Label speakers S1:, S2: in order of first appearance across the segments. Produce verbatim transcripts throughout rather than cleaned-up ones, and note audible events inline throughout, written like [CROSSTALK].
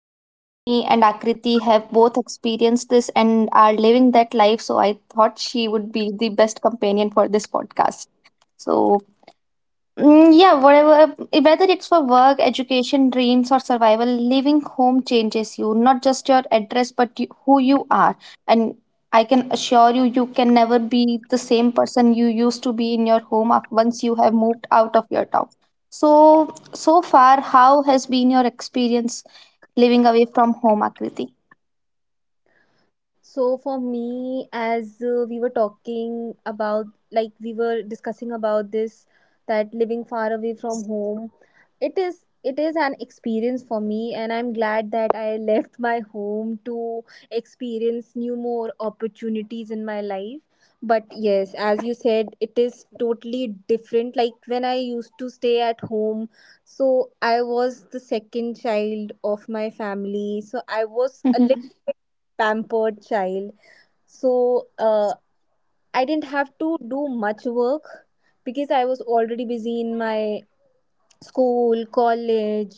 S1: And me and Akriti have both experienced this and are living that life, so I thought she would be the best companion for this podcast. So, Mm, yeah, whatever, Uh, whether it's for work, education, dreams, or survival, leaving home changes you, not just your address, but you, who you are. And I can assure you, you can never be the same person you used to be in your home af- once you have moved out of your town. So, so far, how has been your experience living away from home, Akriti?
S2: So for me, as uh, we were talking about, like we were discussing about this, that living far away from home, it is it is an experience for me, and I'm glad that I left my home to experience new more opportunities in my life. But yes, as you said, it is totally different. Like when I used to stay at home, so I was the second child of my family, so I was a little
S1: [LAUGHS]
S2: pampered child. So uh, I didn't have to do much work because I was already busy in my school, college,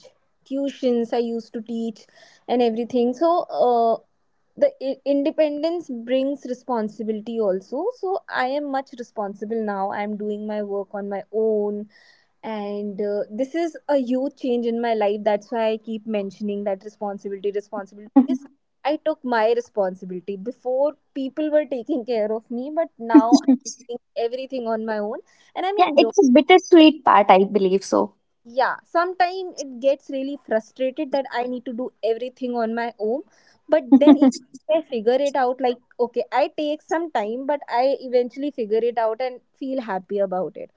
S2: tuitions I used to teach, and everything. So uh, the i- independence brings responsibility also. So I am much responsible now. I am doing my work on my own and uh, this is a huge change in my life, that's why I keep mentioning that responsibility responsibility, because I took my responsibility. Before, people were taking care of me, but now I'm doing everything on my own and I'm
S1: Yeah,
S2: enjoying.
S1: it's a bittersweet part, I believe so.
S2: Yeah, sometimes it gets really frustrated that I need to do everything on my own, but then if
S1: [LAUGHS]
S2: I figure it out, like okay, I take some time but I eventually figure it out and feel happy about it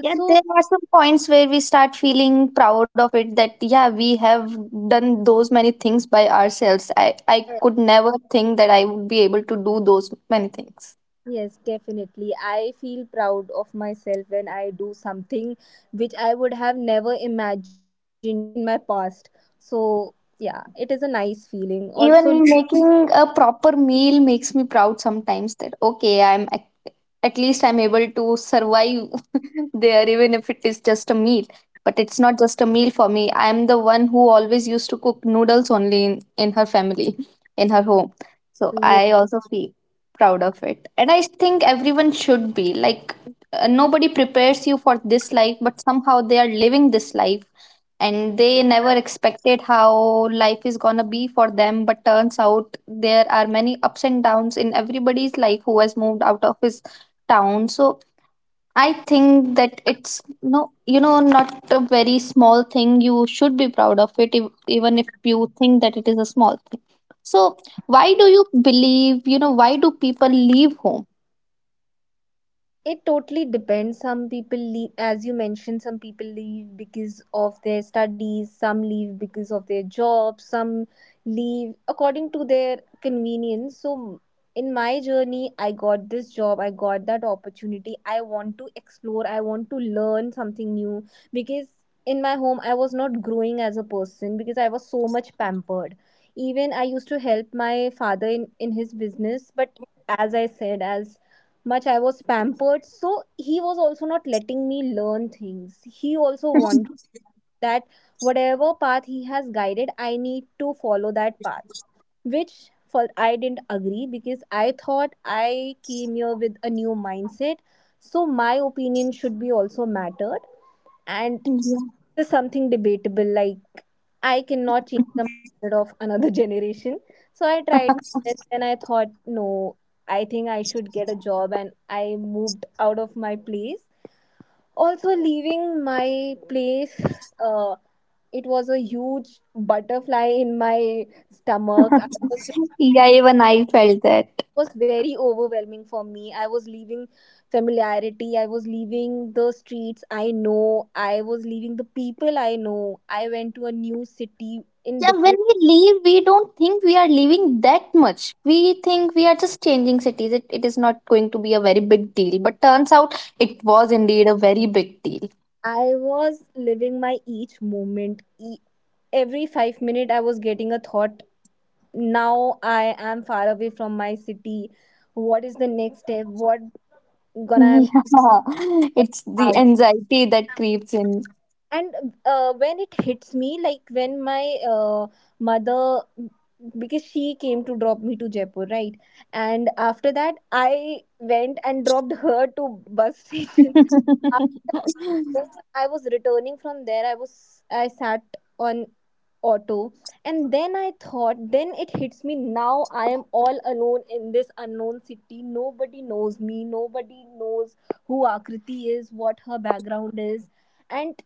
S1: Yeah, there are some points where we start feeling proud of it, that yeah, we have done those many things by ourselves. I I
S2: uh,
S1: could never think that I would be able to do those many things.
S2: Yes, definitely. I feel proud of myself when I do something which I would have never imagined in my past. So, yeah, it is a nice feeling. Also,
S1: Even making a proper meal makes me proud sometimes, that okay, i'm at, at least I'm able to survive [LAUGHS] there, even if it is just a meal. But it's not just a meal for me. I'm the one who always used to cook noodles only in, in her family, in her home, so I also feel proud of it. And I think everyone should be like, uh, nobody prepares you for this life, but somehow they are living this life, and they never expected how life is gonna be for them, but turns out there are many ups and downs in everybody's life who has moved out of his town. So I think that it's no you know not a very small thing. You should be proud of it if, even if you think that it is a small thing. So, why do you believe, you know why do people leave home?
S2: it totally depends. Some people leave, as you mentioned, some people leave because of their studies, some leave because of their jobs, some leave according to their convenience. So, in my journey, I got this job, I got that opportunity. I want to explore, I want to learn something new because in my home, I was not growing as a person because I was so much pampered. Even I used to help my father in, in his business, but as I said, as much I was pampered. So he was also not letting me learn things. He also wanted that whatever path he has guided, I need to follow that path, which for I didn't agree because I thought I came here with a new mindset. So my opinion should be also mattered. And
S1: Yeah.
S2: this is something debatable. Like I cannot change the mindset of another [LAUGHS] generation. So I tried my
S1: [LAUGHS]
S2: best and I thought, no, I think I should get a job, and I moved out of my place. Also leaving my place, uh, it was a huge butterfly in my stomach. I was
S1: Yeah, even I felt that.
S2: was very overwhelming for me. I was leaving familiarity, I was leaving the streets I know, I was leaving the people I know. I went to a new city in
S1: Yeah, when
S2: different.
S1: we leave, we don't think we are leaving that much. We think we are just changing cities. It, it is not going to be a very big deal. But turns out it was indeed a very big deal.
S2: I was living my each moment. E- Every five minute I was getting a thought, now I am far away from my city. What is the next step? What gonna
S1: Yeah, [LAUGHS] it's
S2: I
S1: the
S2: am?
S1: anxiety that creeps in.
S2: And uh, when it hits me, like when my uh, mother, because she came to drop me to Jaipur, right? And after that I went and dropped her to bus station. [LAUGHS]
S1: [LAUGHS]
S2: After I was returning from there, I was, I sat on auto, and then I thought, then it hits me, now I am all alone in this unknown city. Nobody knows me, nobody knows who Akriti is, what her background is. And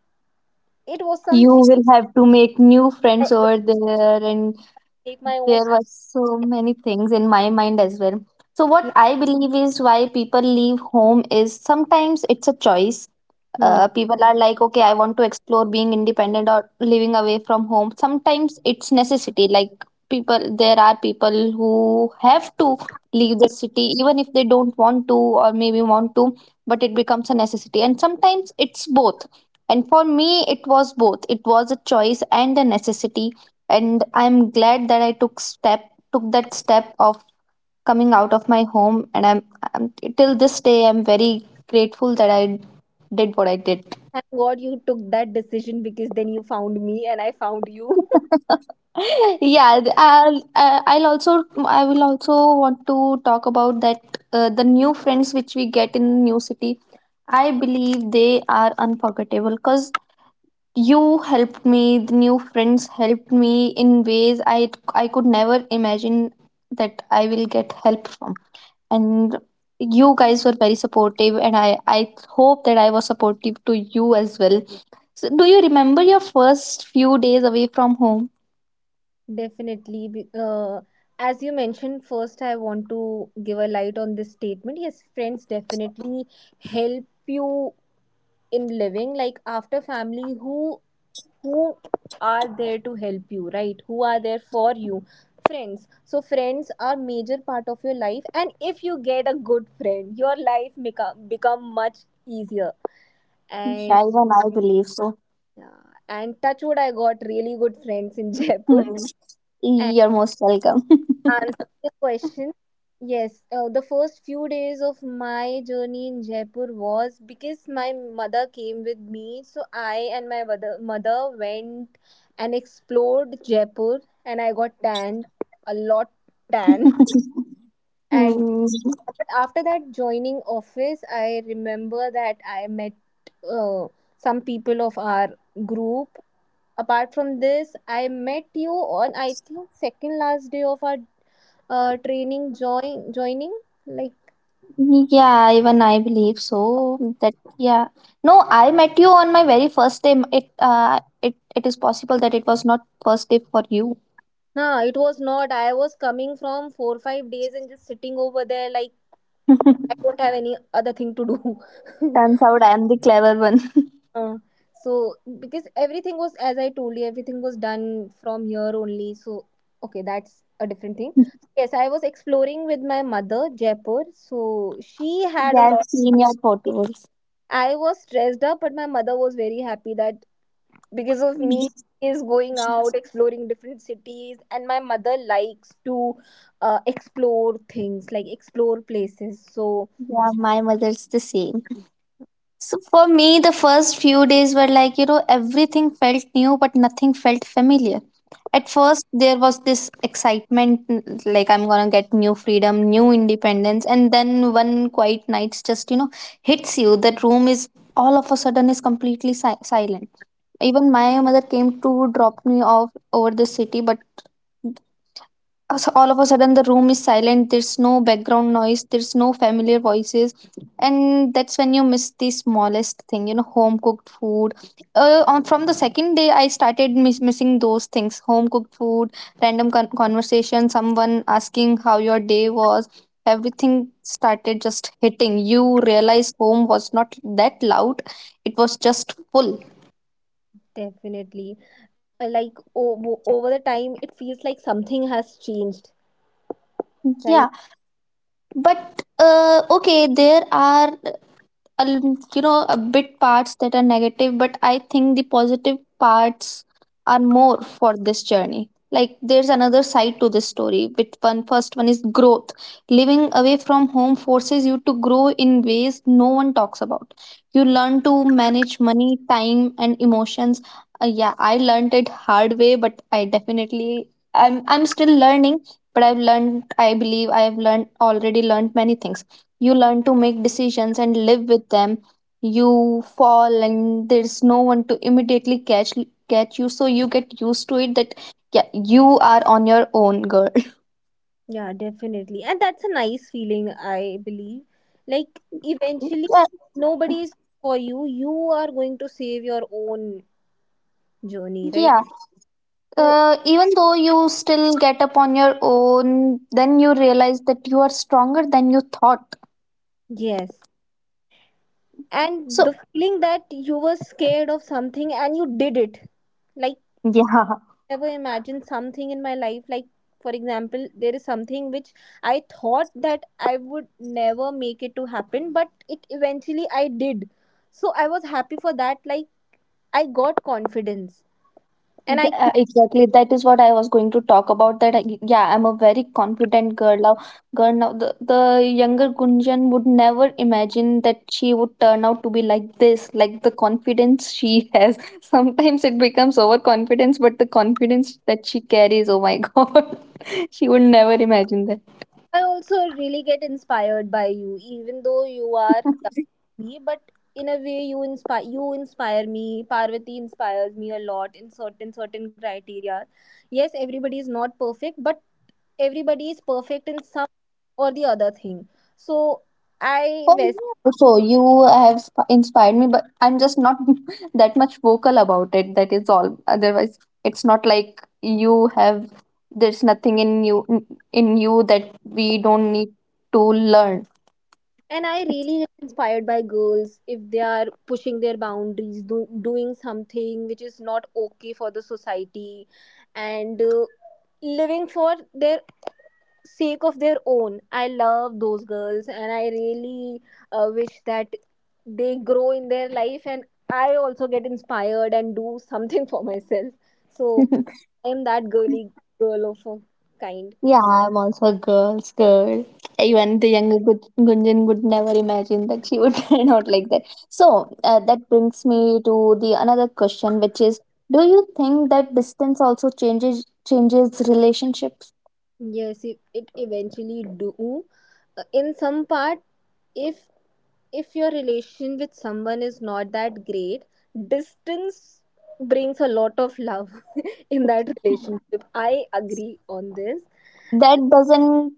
S2: it was some
S1: You will have to make new friends over there, and
S2: make my own
S1: there were so many things in my mind as well. So, what
S2: idea.
S1: I believe is why people leave home is sometimes it's a choice.
S2: Hmm.
S1: Uh, people are like, okay, I want to explore being independent or living away from home. Sometimes it's necessity, like, people there are people who have to leave the city even if they don't want to, or maybe want to, but it becomes a necessity. And sometimes it's both, and for me it was both. It was a choice and a necessity, and I'm glad that I took step took that step of coming out of my home. And I'm, I'm till this day I'm very grateful that I did what I did.
S2: Thank God you took that decision, because then you found me and I found you. [LAUGHS]
S1: [LAUGHS] Yeah, I'll, I- I'll also I will also want to talk about that, uh, the new friends which we get in new city. I believe they are unforgettable, because you helped me. The new friends helped me in ways I I could never imagine that I will get help from. And you guys were very supportive, and i i hope that I was supportive to you as well. So, do you remember your first few days away from home?
S2: Definitely. Be- Uh, as you mentioned, first, I want to give a light on this statement. Yes, friends definitely help you in living. Like after family, who who are there to help you, right? Who are there for you? Friends. So friends are major part of your life, and if you get a good friend, your life become become much easier. And
S1: Yeah, even I believe so. [LAUGHS]
S2: yeah, and touch wood, I got really good friends in [LAUGHS] Jaipur.
S1: Hmm.
S2: And
S1: You're most welcome.
S2: answering the question, yes, uh, the first few days of my journey in Jaipur was because my mother came with me, so I and my mother mother went and explored Jaipur, and I got tanned a lot tan. [LAUGHS]
S1: [LAUGHS]
S2: And
S1: Hmm.
S2: after that joining office, I remember that I met uh, some people of our group. Apart from this, I met you on I think second last day of our uh, training join joining, like.
S1: Yeah, even I believe so. That, yeah. No, I met you on my very first day. It uh it it is possible that it was not first day for you.
S2: Nah, it was not. I was coming from four five days and just sitting over there, like I
S1: [LAUGHS]
S2: don't have any other thing to do.
S1: Turns out I am the clever one.
S2: [LAUGHS] uh, so because everything was, as I told you, everything was done from here only, so okay, that's a different thing.
S1: [LAUGHS]
S2: Yes, I was exploring with my mother Jaipur, so she had a
S1: Yeah, I've
S2: lot.
S1: seen your photos.
S2: I was stressed up but my mother was very happy that, because of me,
S1: [LAUGHS]
S2: is going out exploring different cities, and my mother likes to uh, explore things, like explore places. So
S1: Yeah, my mother's the same. So for me, the first few days were like, you know, everything felt new, but nothing felt familiar. At first, there was this excitement, n- like I'm gonna get new freedom, new independence, and then one quiet night just, you know, hits you. That room is all of a sudden is completely si- silent. Even my mother came to drop me off over the city, but s- all of a sudden the room is silent. There's no background noise, there's no familiar voices, and that's when you miss the smallest thing, you know, home cooked food. Uh, on, from the second day I started miss, missing those things: home cooked food, random con- conversation, someone asking how your day was. Everything started just hitting you. Realized home was not that loud, it was just full.
S2: definitely, uh, like o- over the time it feels like something has changed,
S1: Yeah,
S2: right?
S1: but uh, okay, there are a l- you know, a bit parts that are negative, but I think the positive parts are more for this journey. Like, there's another side to this story, which one, first one is growth. Living away from home forces you to grow in ways no one talks about. You learn to manage money, time and emotions. Uh, yeah, I learned it hard way, but I definitely, i'm I'm still learning, but I've learned, I believe I have learned, already learned many things. You learn to make decisions and live with them. You fall, and there's no one to immediately catch catch you, so you get used to it that yeah, you are on your own, girl.
S2: Yeah, definitely. And that's a nice feeling, I believe. Like
S1: [LAUGHS]
S2: eventually
S1: Yeah.
S2: nobody is for you, you are going to save your own journey, right?
S1: Yeah,
S2: So
S1: uh, even though you still get up on your own, then you realize that you are stronger than you thought.
S2: yes, and
S1: So
S2: the feeling that you were scared of something and you did it, like
S1: yeah.
S2: never imagined something in my life, like for example there is something which I thought that I would never make it to happen but it eventually I did. So I was happy for that, like I got confidence and
S1: Yeah,
S2: I.
S1: uh, exactly. That is what I was going to talk about. That I, yeah, I'm a very confident girl now. Girl now, the, the younger Gunjan would never imagine that she would turn out to be like this. Like the confidence she has. [LAUGHS] Sometimes it becomes overconfidence, but the confidence that she carries, oh my [LAUGHS] God, [LAUGHS] she would never imagine
S2: I also really get inspired by you, even though you are younger
S1: that.
S2: than me. But in a way, you inspire you inspire me. Parvati inspires me a lot in certain certain criteria. Yes, everybody is not perfect, but everybody is perfect in some or the other thing. So I
S1: Oh,
S2: was,
S1: yeah. So you have sp- inspired me, but I'm just not [LAUGHS] that much vocal about it. That is all. Otherwise, it's not like you have. There's nothing in you, in in you that we don't need to learn.
S2: and I
S1: It's
S2: really get inspired by girls if they are pushing their boundaries, do, doing something which is not okay for the society, and. Uh, living for their sake of their own, I love those girls and I really uh, wish that they grow in their life, and I also get inspired and do something [LAUGHS] for myself. So
S1: [LAUGHS]
S2: I am that girly girl of a kind.
S1: yeah. I'm also a girl's girl.
S2: Yeah.
S1: Even the younger Gun- Gunjan would never imagine that she would [LAUGHS] turn out like that. So, uh, that brings me to the another question, which is: do you think that distance also changes changes relationships?
S2: Yes, it, it eventually do. Uh, in some part, if if your relation with someone is not that great, distance brings a lot of love [LAUGHS] in that relationship. I agree on this.
S1: That doesn't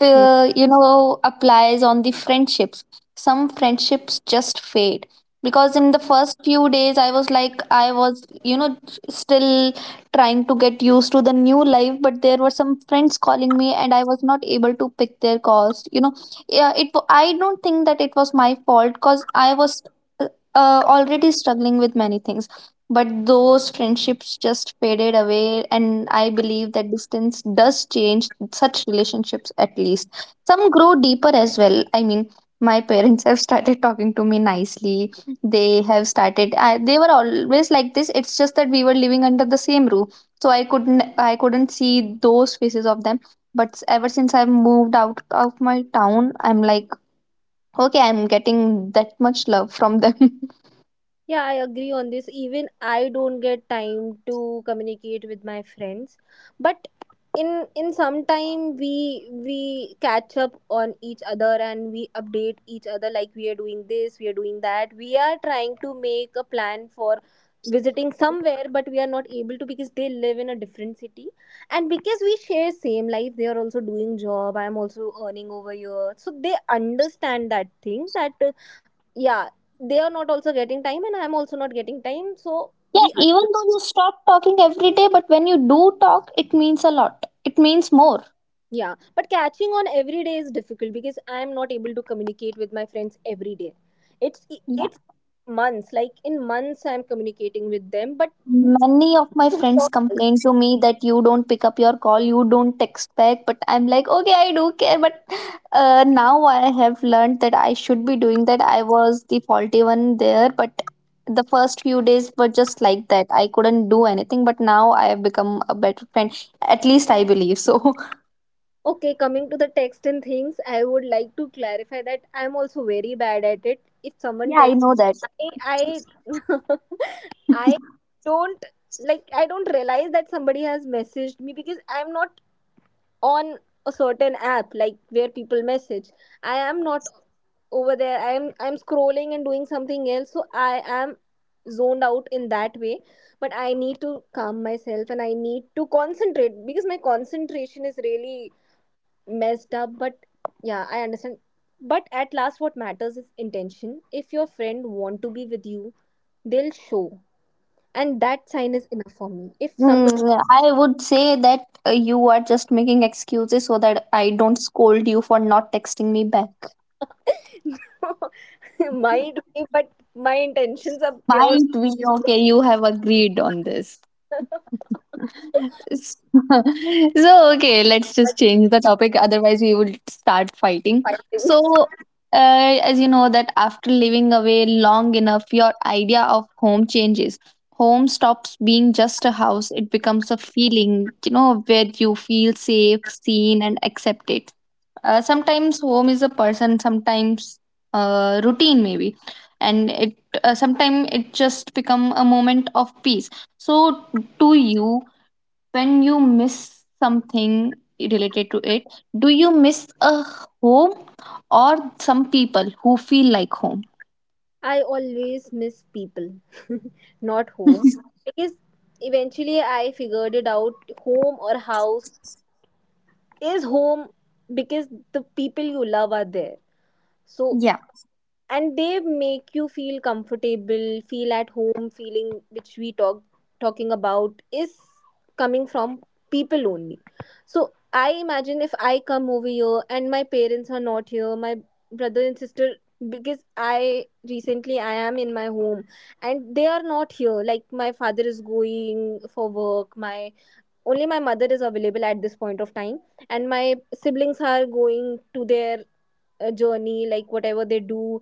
S1: uh, you know, applies on the friendships. Some friendships just fade, because in the first few days I was like, I was, you know, still trying to get used to the new life, but there were some friends calling me and I was not able to pick their calls, you know. Yeah, it wa- I don't think that it was my fault, cuz I was uh, already struggling with many things. But those friendships just faded away, and I believe that distance does change such relationships, at least. Some grow deeper as well. I mean, my [LAUGHS] parents have started talking to me nicely. They have started. I, they were always like this. It's just that we were living under the same roof, so I couldn't. I couldn't see those faces of them. But ever since I've moved out of my town, I'm like, okay, I'm getting that much love from them. [LAUGHS]
S2: Yeah, I agree on this. Even I don't get time to communicate with my friends, but in in some time we we catch up on each other and we update each other like we are doing this, we are doing that. We are trying to make a plan for visiting somewhere but we are not able to because they live in a different city, and because we share same life, they are also doing job, I am also earning over here, so they understand that thing that uh, yeah, they are not also getting time and I'm also not getting time, so
S1: Yeah,
S2: we.
S1: even though you stop talking every day, but when you do talk, it means a lot. It means more.
S2: Yeah, but catching on every day is difficult because I am not able to communicate with my friends every day. it's
S1: Yeah.
S2: it's months, like in months I'm communicating with them but.
S1: Many of my friends complain to me that you don't pick up your call, you don't text back, but I'm like, okay, I do care. But uh, now I have learned that I should be doing that. I was the faulty one there, but the first few days were just like that. I couldn't do anything, but now I have become a better friend. At least I believe so. [LAUGHS]
S2: Okay, coming to the text and things, I would like to clarify that I'm also very bad at it. If someone
S1: Yeah, I
S2: texts,
S1: know that.
S2: i i, [LAUGHS] I
S1: [LAUGHS]
S2: don't, like I don't realize that somebody has messaged me because I'm not on a certain app, like where people message I am not over there, I am, I'm scrolling and doing something else, so I am zoned out in that way. But I need to calm myself and I need to concentrate because my concentration is really messed up, but yeah, I understand. But at last what matters is intention. If your friend want to be with you, they'll show, and that sign is enough for me if somebody.
S1: Mm, I would say that uh, you are just making excuses so that I don't scold you for not texting me back.
S2: [LAUGHS] Might be, but my intentions are pure.
S1: Might be okay, you have agreed on this. [LAUGHS] So, okay, let's just
S2: Much
S1: change the topic, otherwise, we will start fighting.
S2: fighting.
S1: So, uh, as you know, that after living away long enough, your idea of home changes. Home stops being just a house, it becomes a feeling, you know, where you feel safe, seen, and accepted. Uh, sometimes home is a person, sometimes uh, routine maybe, and it, uh, sometimes it just become a moment of peace. So, to you, when you miss something related to it, do you miss a home or some people who feel like home?
S2: I always miss people, [LAUGHS] not home. Because eventually I figured it out, home or house is home because the people you love are there. So,
S1: Yeah.
S2: and they make you feel comfortable, feel at home, feeling which we talk talking about is coming from people only. So I imagine if I come over here and my parents are not here, my brother and sister, because I recently I am in my home and they are not here, like my father is going for work, my only my mother is available at this point of time, and my siblings are going to their uh, journey, like whatever they do,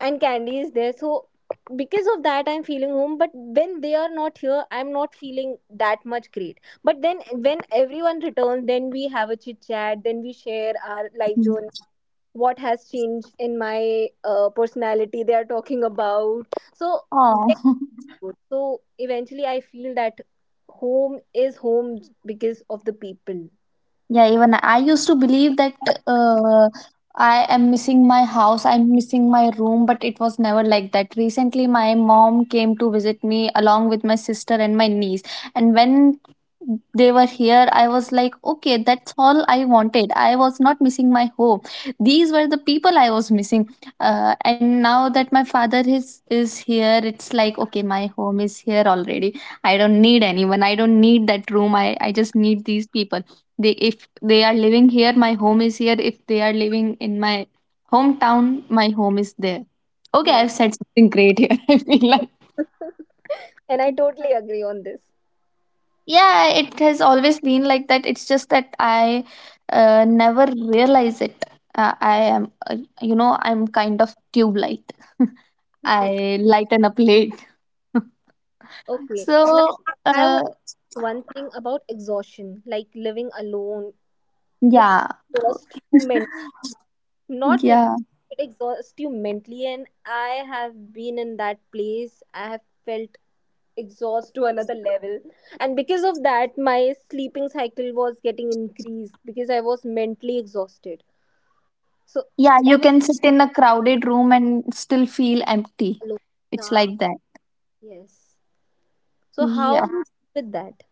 S2: and candy is there, so because of that I'm feeling home, but when they are not here I'm not feeling that much great. But then when everyone returns, then we have a chit chat, then we share our life journey, what has changed in my uh, personality, they are talking about. So
S1: Oh.
S2: that's
S1: [LAUGHS]
S2: good. So eventually I feel that home is home because of the people.
S1: Yeah, even I used to believe that uh, I am missing my house, I'm missing my room, but it was never like that. Recently, my mom came to visit me along with my sister and my niece. And when they were here, I was like, okay, that's all I wanted. I was not missing my home. These were the people I was missing. Uh, and now that my father is, is here, it's like, okay, my home is here already. I don't need anyone. I don't need that room. I, I just need these people. They, if they are living here, my home is here. If they are living in my hometown, my home is there. Okay,
S2: Yes,
S1: I've said something great here. [LAUGHS] I feel like,
S2: and I totally agree on this.
S1: yeah, it has always been like that. It's just that I uh, never realize it. Uh, i am uh, you know I'm kind of tube light. [LAUGHS]
S2: [LAUGHS]
S1: I lighten up late. [LAUGHS]
S2: Okay, now
S1: so
S2: I,
S1: uh,
S2: one thing about exhaustion, like living alone, it
S1: yeah.
S2: exhausts you mentally,
S1: [LAUGHS]
S2: not physically,
S1: yeah
S2: it exhausts you mentally. And I have been in that place. I have felt exhaust to another level. And because of that, my sleeping cycle was getting increased because I was mentally exhausted. So
S1: yeah
S2: ever
S1: you can sit in a crowded room and still feel empty.
S2: alone.
S1: It's
S2: Yeah,
S1: like that.
S2: yes. So how
S1: Yeah,
S2: you deal with that?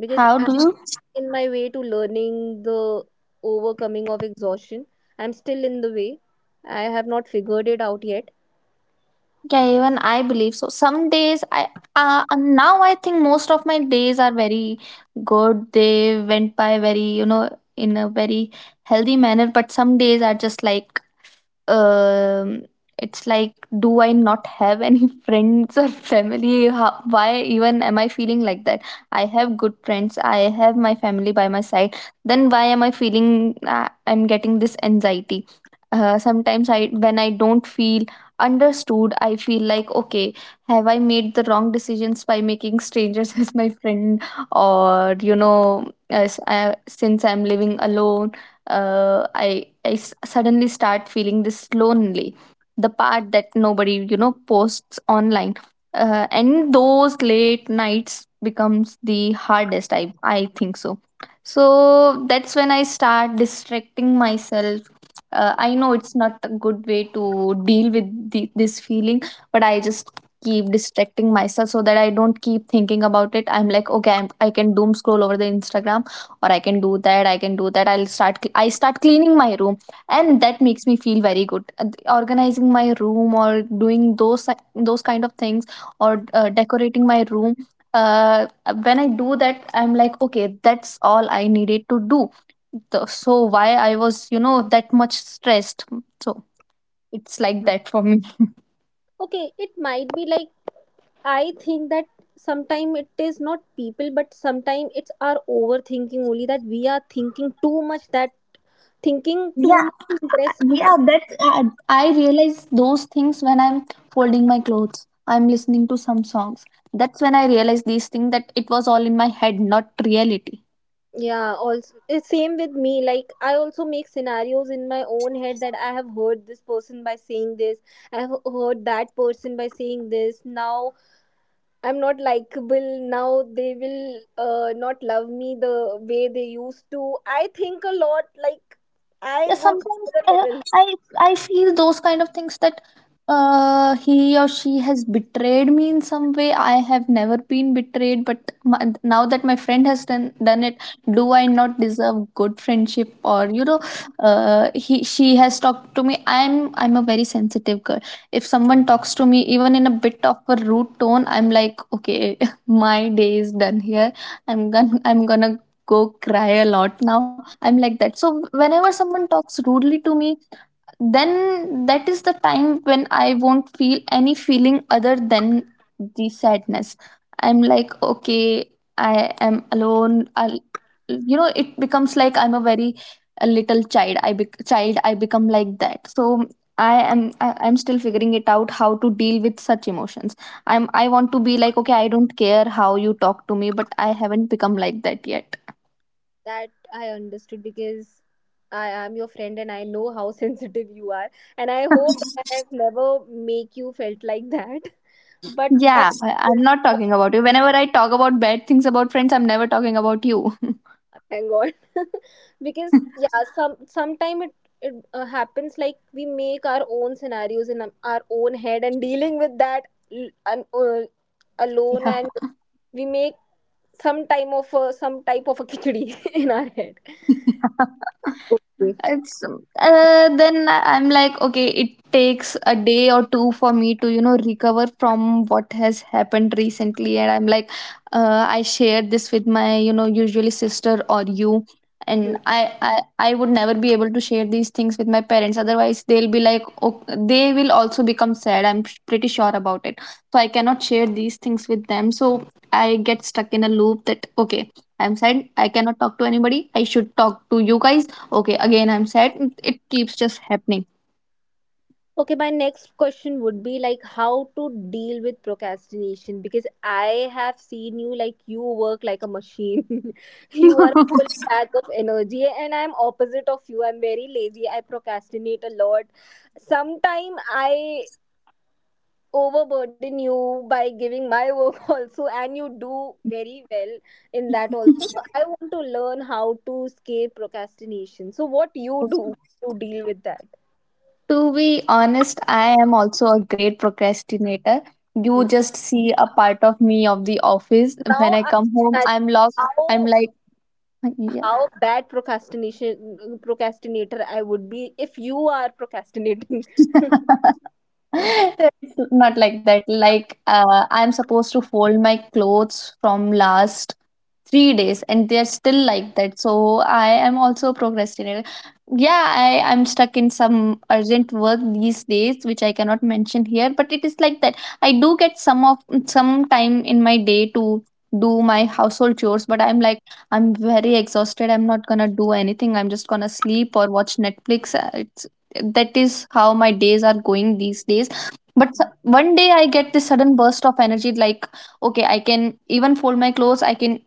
S2: Because
S1: how do you?
S2: in my way to learning the overcoming of exhaustion. I'm still in the way. I have not figured it out yet.
S1: Yeah, even I believe so. Some days I, uh, now I think most of my days are very good. They went by very, you know, in a very healthy manner. But some days are just like, um it's like, do I not have any [LAUGHS] friends or family? How, why even am I feeling like that? I have good friends, I have my family by my side, then why am I feeling, uh, I'm getting this anxiety. Uh, sometimes, I, when I don't feel understood, I feel like, okay, have I made the wrong decisions by making strangers [LAUGHS] as my friend? Or you know as, I, since I'm living alone, uh, I, I s- suddenly start feeling this lonely, the part that nobody you know posts online. Uh, and those late nights becomes the hardest, i i think so. So that's when I start distracting myself. uh, I know it's not a good way to deal with the, this feeling, but I just keep distracting myself so that I don't keep thinking about it. I'm like, okay, I'm, I can doom scroll over the instagram, or I can do that, I can do that. i'll start I start cleaning my room, and that makes me feel very good. And organizing my room or doing those si-, those kind of things, or uh, decorating my room. uh, when I do that, I'm like, okay, that's all I needed to do. The- so why I was, you know, that much stressed. So it's like that for
S2: Okay, it might be like I think that sometimes it is not people, but sometimes it's our overthinking only that we are thinking too much that thinking
S1: me.
S2: too much to impress some-
S1: Yeah, that uh, I realize those things when I'm folding my clothes. I'm listening to some songs. That's when I realize these things, that it was all in my head, not reality.
S2: yeah, also it's same with me, like I also make scenarios in my own head that I have heard this person by saying this, I have heard that person by saying this. Now I'm not likable now. They will uh, not love me the way they used to. I think a lot. Like I
S1: Yeah,
S2: go to
S1: sometimes,
S2: another
S1: uh,
S2: level.
S1: i i feel those kind of things, that uh he or she has betrayed me in some way. I have never been betrayed, but my, now that my friend has done, done it, do I not deserve good friendship? Or, you know, uh he, she has talked to me. I'm i'm a very sensitive girl. If someone talks to me even in a bit of a rude tone, I'm like, okay, [LAUGHS] my day is done here. i'm gonna I'm gonna go cry a lot now. I'm like that. So whenever someone talks rudely to me, then that is the time when I won't feel any feeling other than the sadness. I'm like, okay, I am alone. I'll, you know, it becomes like I'm a very, a little child. I be- child, I become like that. So I am. I, I'm still figuring it out how to deal with such emotions. I'm. I want to be like, okay, I don't care how you talk to me, but I haven't become like that yet.
S2: That I understood because I am your friend and I know how [LAUGHS] sensitive you are. And I hope that I have never make you felt like that. [LAUGHS] But I
S1: Yeah, I- I'm not talking about you. Whenever I talk about bad things about friends, I'm never talking about you.
S2: thank god. [LAUGHS] Because yeah, some sometime it it uh, happens like we make our own scenarios in um, our own head and dealing with that l- un- uh, alone and we make some time of uh, some type of a khichdi [LAUGHS] in our head.
S1: [LAUGHS]
S2: Okay.
S1: It's uh, then I- I'm like, okay, it takes a day or two for me to, you know, recover from what has happened recently. And I'm like, uh, I shared this with my, you know, usually sister or you. And I, I, I would never be able to share these things with my parents. Otherwise, they'll be like, okay, they will also become sad. I'm pretty sure about it. So I cannot share these things with them. So I get stuck in a loop that, okay, I'm sad. I cannot talk to anybody. I should talk to you guys. Okay, again, I'm sad. It keeps just happening.
S2: Okay, my next question would be like how to deal with procrastination because I have seen you, like you work like a machine. [LAUGHS] You are full pack of energy and I'm opposite of you. I'm very lazy. I procrastinate a lot. Sometime I overburden you by giving my work [LAUGHS] also, and you do very well in that also. So I want to learn how to escape procrastination. So what you do to deal with that?
S1: To be honest, I am also a great procrastinator. You just see a part of me of the office. When
S2: Now
S1: I
S2: I'm
S1: come home,
S2: imagining
S1: I'm lost. I'm
S2: how
S1: like, yeah.
S2: how bad procrastination procrastinator I would be if you are procrastinating.
S1: [LAUGHS]
S2: [LAUGHS]
S1: It's not like that. Like, uh, I'm supposed to fold my clothes from last three days and they're still like that. So I am also a procrastinator. yeah i i'm stuck in some urgent work these days, which I cannot mention here, but it is like that. I do get some of some time in my day to do my household chores, but I'm like, I'm very exhausted, I'm not gonna do anything, I'm just gonna sleep or watch netflix. Uh, it's, that is how my days are going these days. But s- one day I get this sudden burst of energy, like, okay, I can even fold my clothes, I can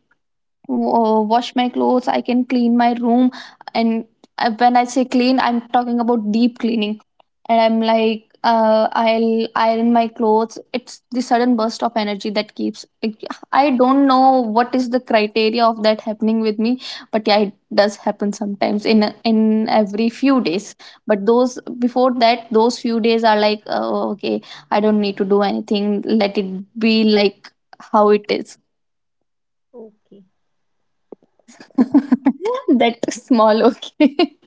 S1: wa- wash my clothes, I can clean my room. And uh, when I say clean, I'm talking about deep cleaning. And I'm like, uh, I'll iron my clothes. It's the sudden burst of energy that keeps, like, I don't know what is the criteria of that happening with me, but yeah, it does happen sometimes, in in every few days. But those, before that, those few days are like, oh, okay, I don't need to do anything, let it be like how it is.
S2: Okay.
S1: [LAUGHS] that small okay. [LAUGHS]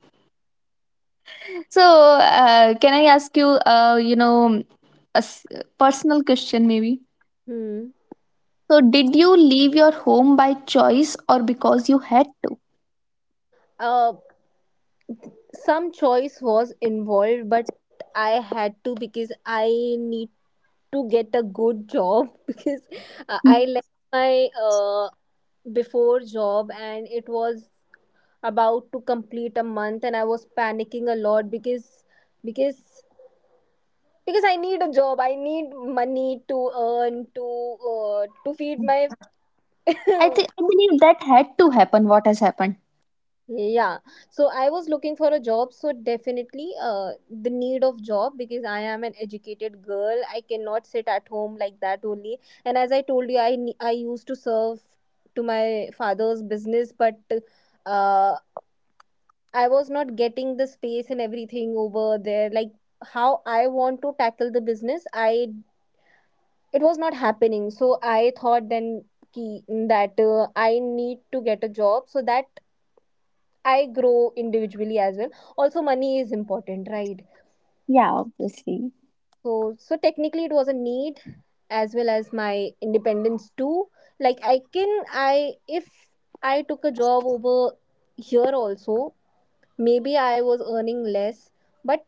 S1: so uh, can I ask you, uh, you know, a s- personal question maybe?
S2: Hmm.
S1: So did you leave your home by choice, or because you had to?
S2: Uh, some choice was involved, but I had to because I need to get a good job [LAUGHS] because uh,
S1: Hmm.
S2: I left my uh, before job and it was about to complete a month and I was panicking a lot because because because I need a job, I need money to earn to uh, to feed my.
S1: I
S2: [LAUGHS]
S1: think I believe that had to happen what has happened.
S2: Yeah, so I was looking for a job, so definitely uh, the need of job because I am an educated girl, I cannot sit at home like that only. And as I told you, i ne- I used to serve to my father's business, but uh, I was not getting the space and everything over there, like how I want to tackle the business. I, it was not happening, so I thought then ki, that uh, I need to get a job so that I grow individually as well. Also money is important, right?
S1: Yeah, obviously.
S2: So so technically it was a need as well as my independence too, like I can, I if I took a job over here also, maybe I was earning less, but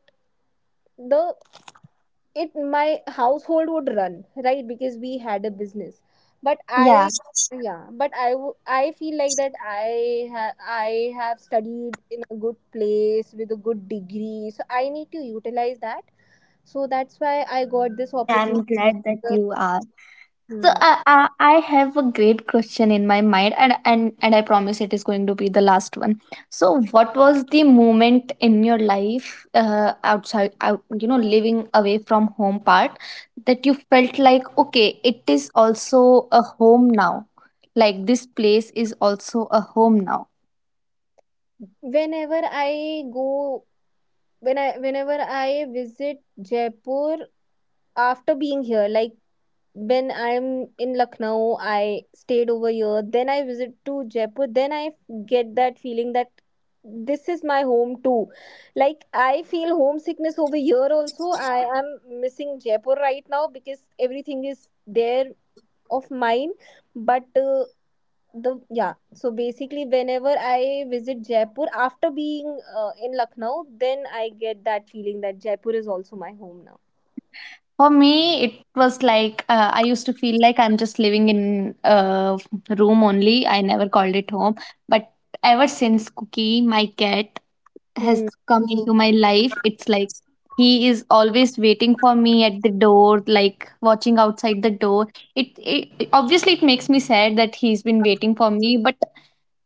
S2: the, it my household would run, right? Because we had a business, but
S1: Yeah,
S2: I, yeah, but i w- I feel like that I have, I have studied in a good place with a good degree, so I need to utilize that. So that's why I got this opportunity.
S1: I'm glad that you. So
S2: Hmm.
S1: I, I I have a great question in my mind, and and and I promise it is going to be the last one. So, what was the moment in your life, uh, outside, out, you know, living away from home part, that you felt like, okay, it is also a home now. Like this place is also a home now.
S2: Whenever I go, when I whenever I visit Jaipur after being here, like when I'm in Lucknow, I stayed over here. Then I visit to Jaipur. Then I f- get that feeling that this is my home too. Like I feel homesickness over here also. I am missing Jaipur right now because everything is there of mine. But uh, the yeah, so basically, whenever I visit Jaipur after being uh, in Lucknow, then I get that feeling that Jaipur is also my home now.
S1: For me, it was like, uh, I used to feel like I'm just living in a room only. I never called it home, but ever since Cookie, my cat, has
S2: Hmm.
S1: come into my life, it's like he is always waiting for me at the door, like watching outside the door. It, it obviously it makes me sad that he's been waiting for me, but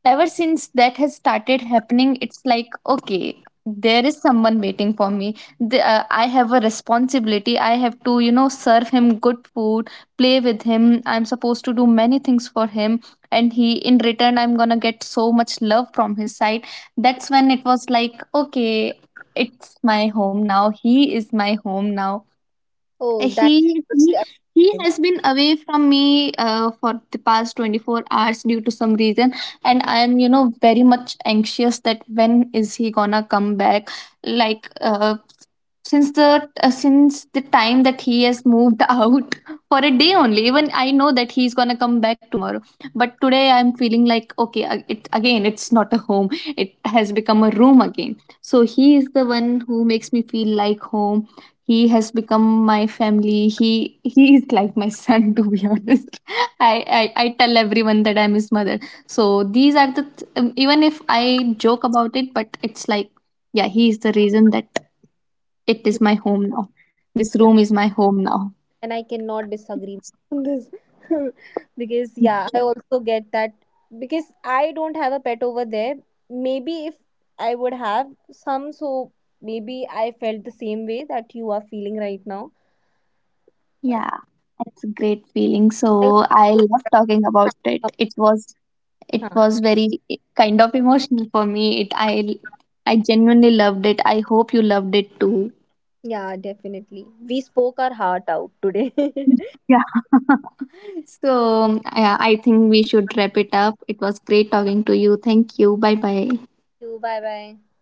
S1: ever since that has started happening, it's like, okay, there is someone waiting for me. the, uh, I have a responsibility, I have to, you know, serve him good food, play with him, I'm supposed to do many things for him. And he in return, I'm gonna get so much love from his side. That's when it was like, okay, it's my home now, he is my home now.
S2: Oh, that.
S1: he he, he has been away from me uh, for the past twenty-four hours due to some reason, and I am, you know, very much anxious that when is he gonna come back, like, uh, since the uh, since the time that he has moved [LAUGHS] out for a day only, even I know that he's gonna come back tomorrow, but today I'm feeling like, okay, uh, it again it's not a home, it has become a room again. So he is the one who makes me feel like home. He has become my family. He he is like my son, [LAUGHS] to be honest. [LAUGHS] I, I i tell everyone that I'm his mother. So these are the th-, um, even if I joke about it, but it's like, yeah, he is the reason that it
S2: You,
S1: is my home now. This
S2: yeah.
S1: room is my home now.
S2: And I cannot disagree on this. [LAUGHS] Because yeah,
S1: Yeah.
S2: I also get that because I don't have a pet over there. Maybe if I would have some, so maybe I felt the same way that you are feeling right now. But
S1: Yeah, that's a great feeling.
S2: I,
S1: So I love talking about it. It was, it
S2: huh.
S1: was very kind of emotional for me. It I I genuinely loved it. I hope you loved it too.
S2: Yeah, definitely, we spoke our heart out today. [LAUGHS]
S1: Yeah. [LAUGHS] So I, I think we should wrap it up. It was great talking to you. Thank you. Bye bye.
S2: You, bye bye.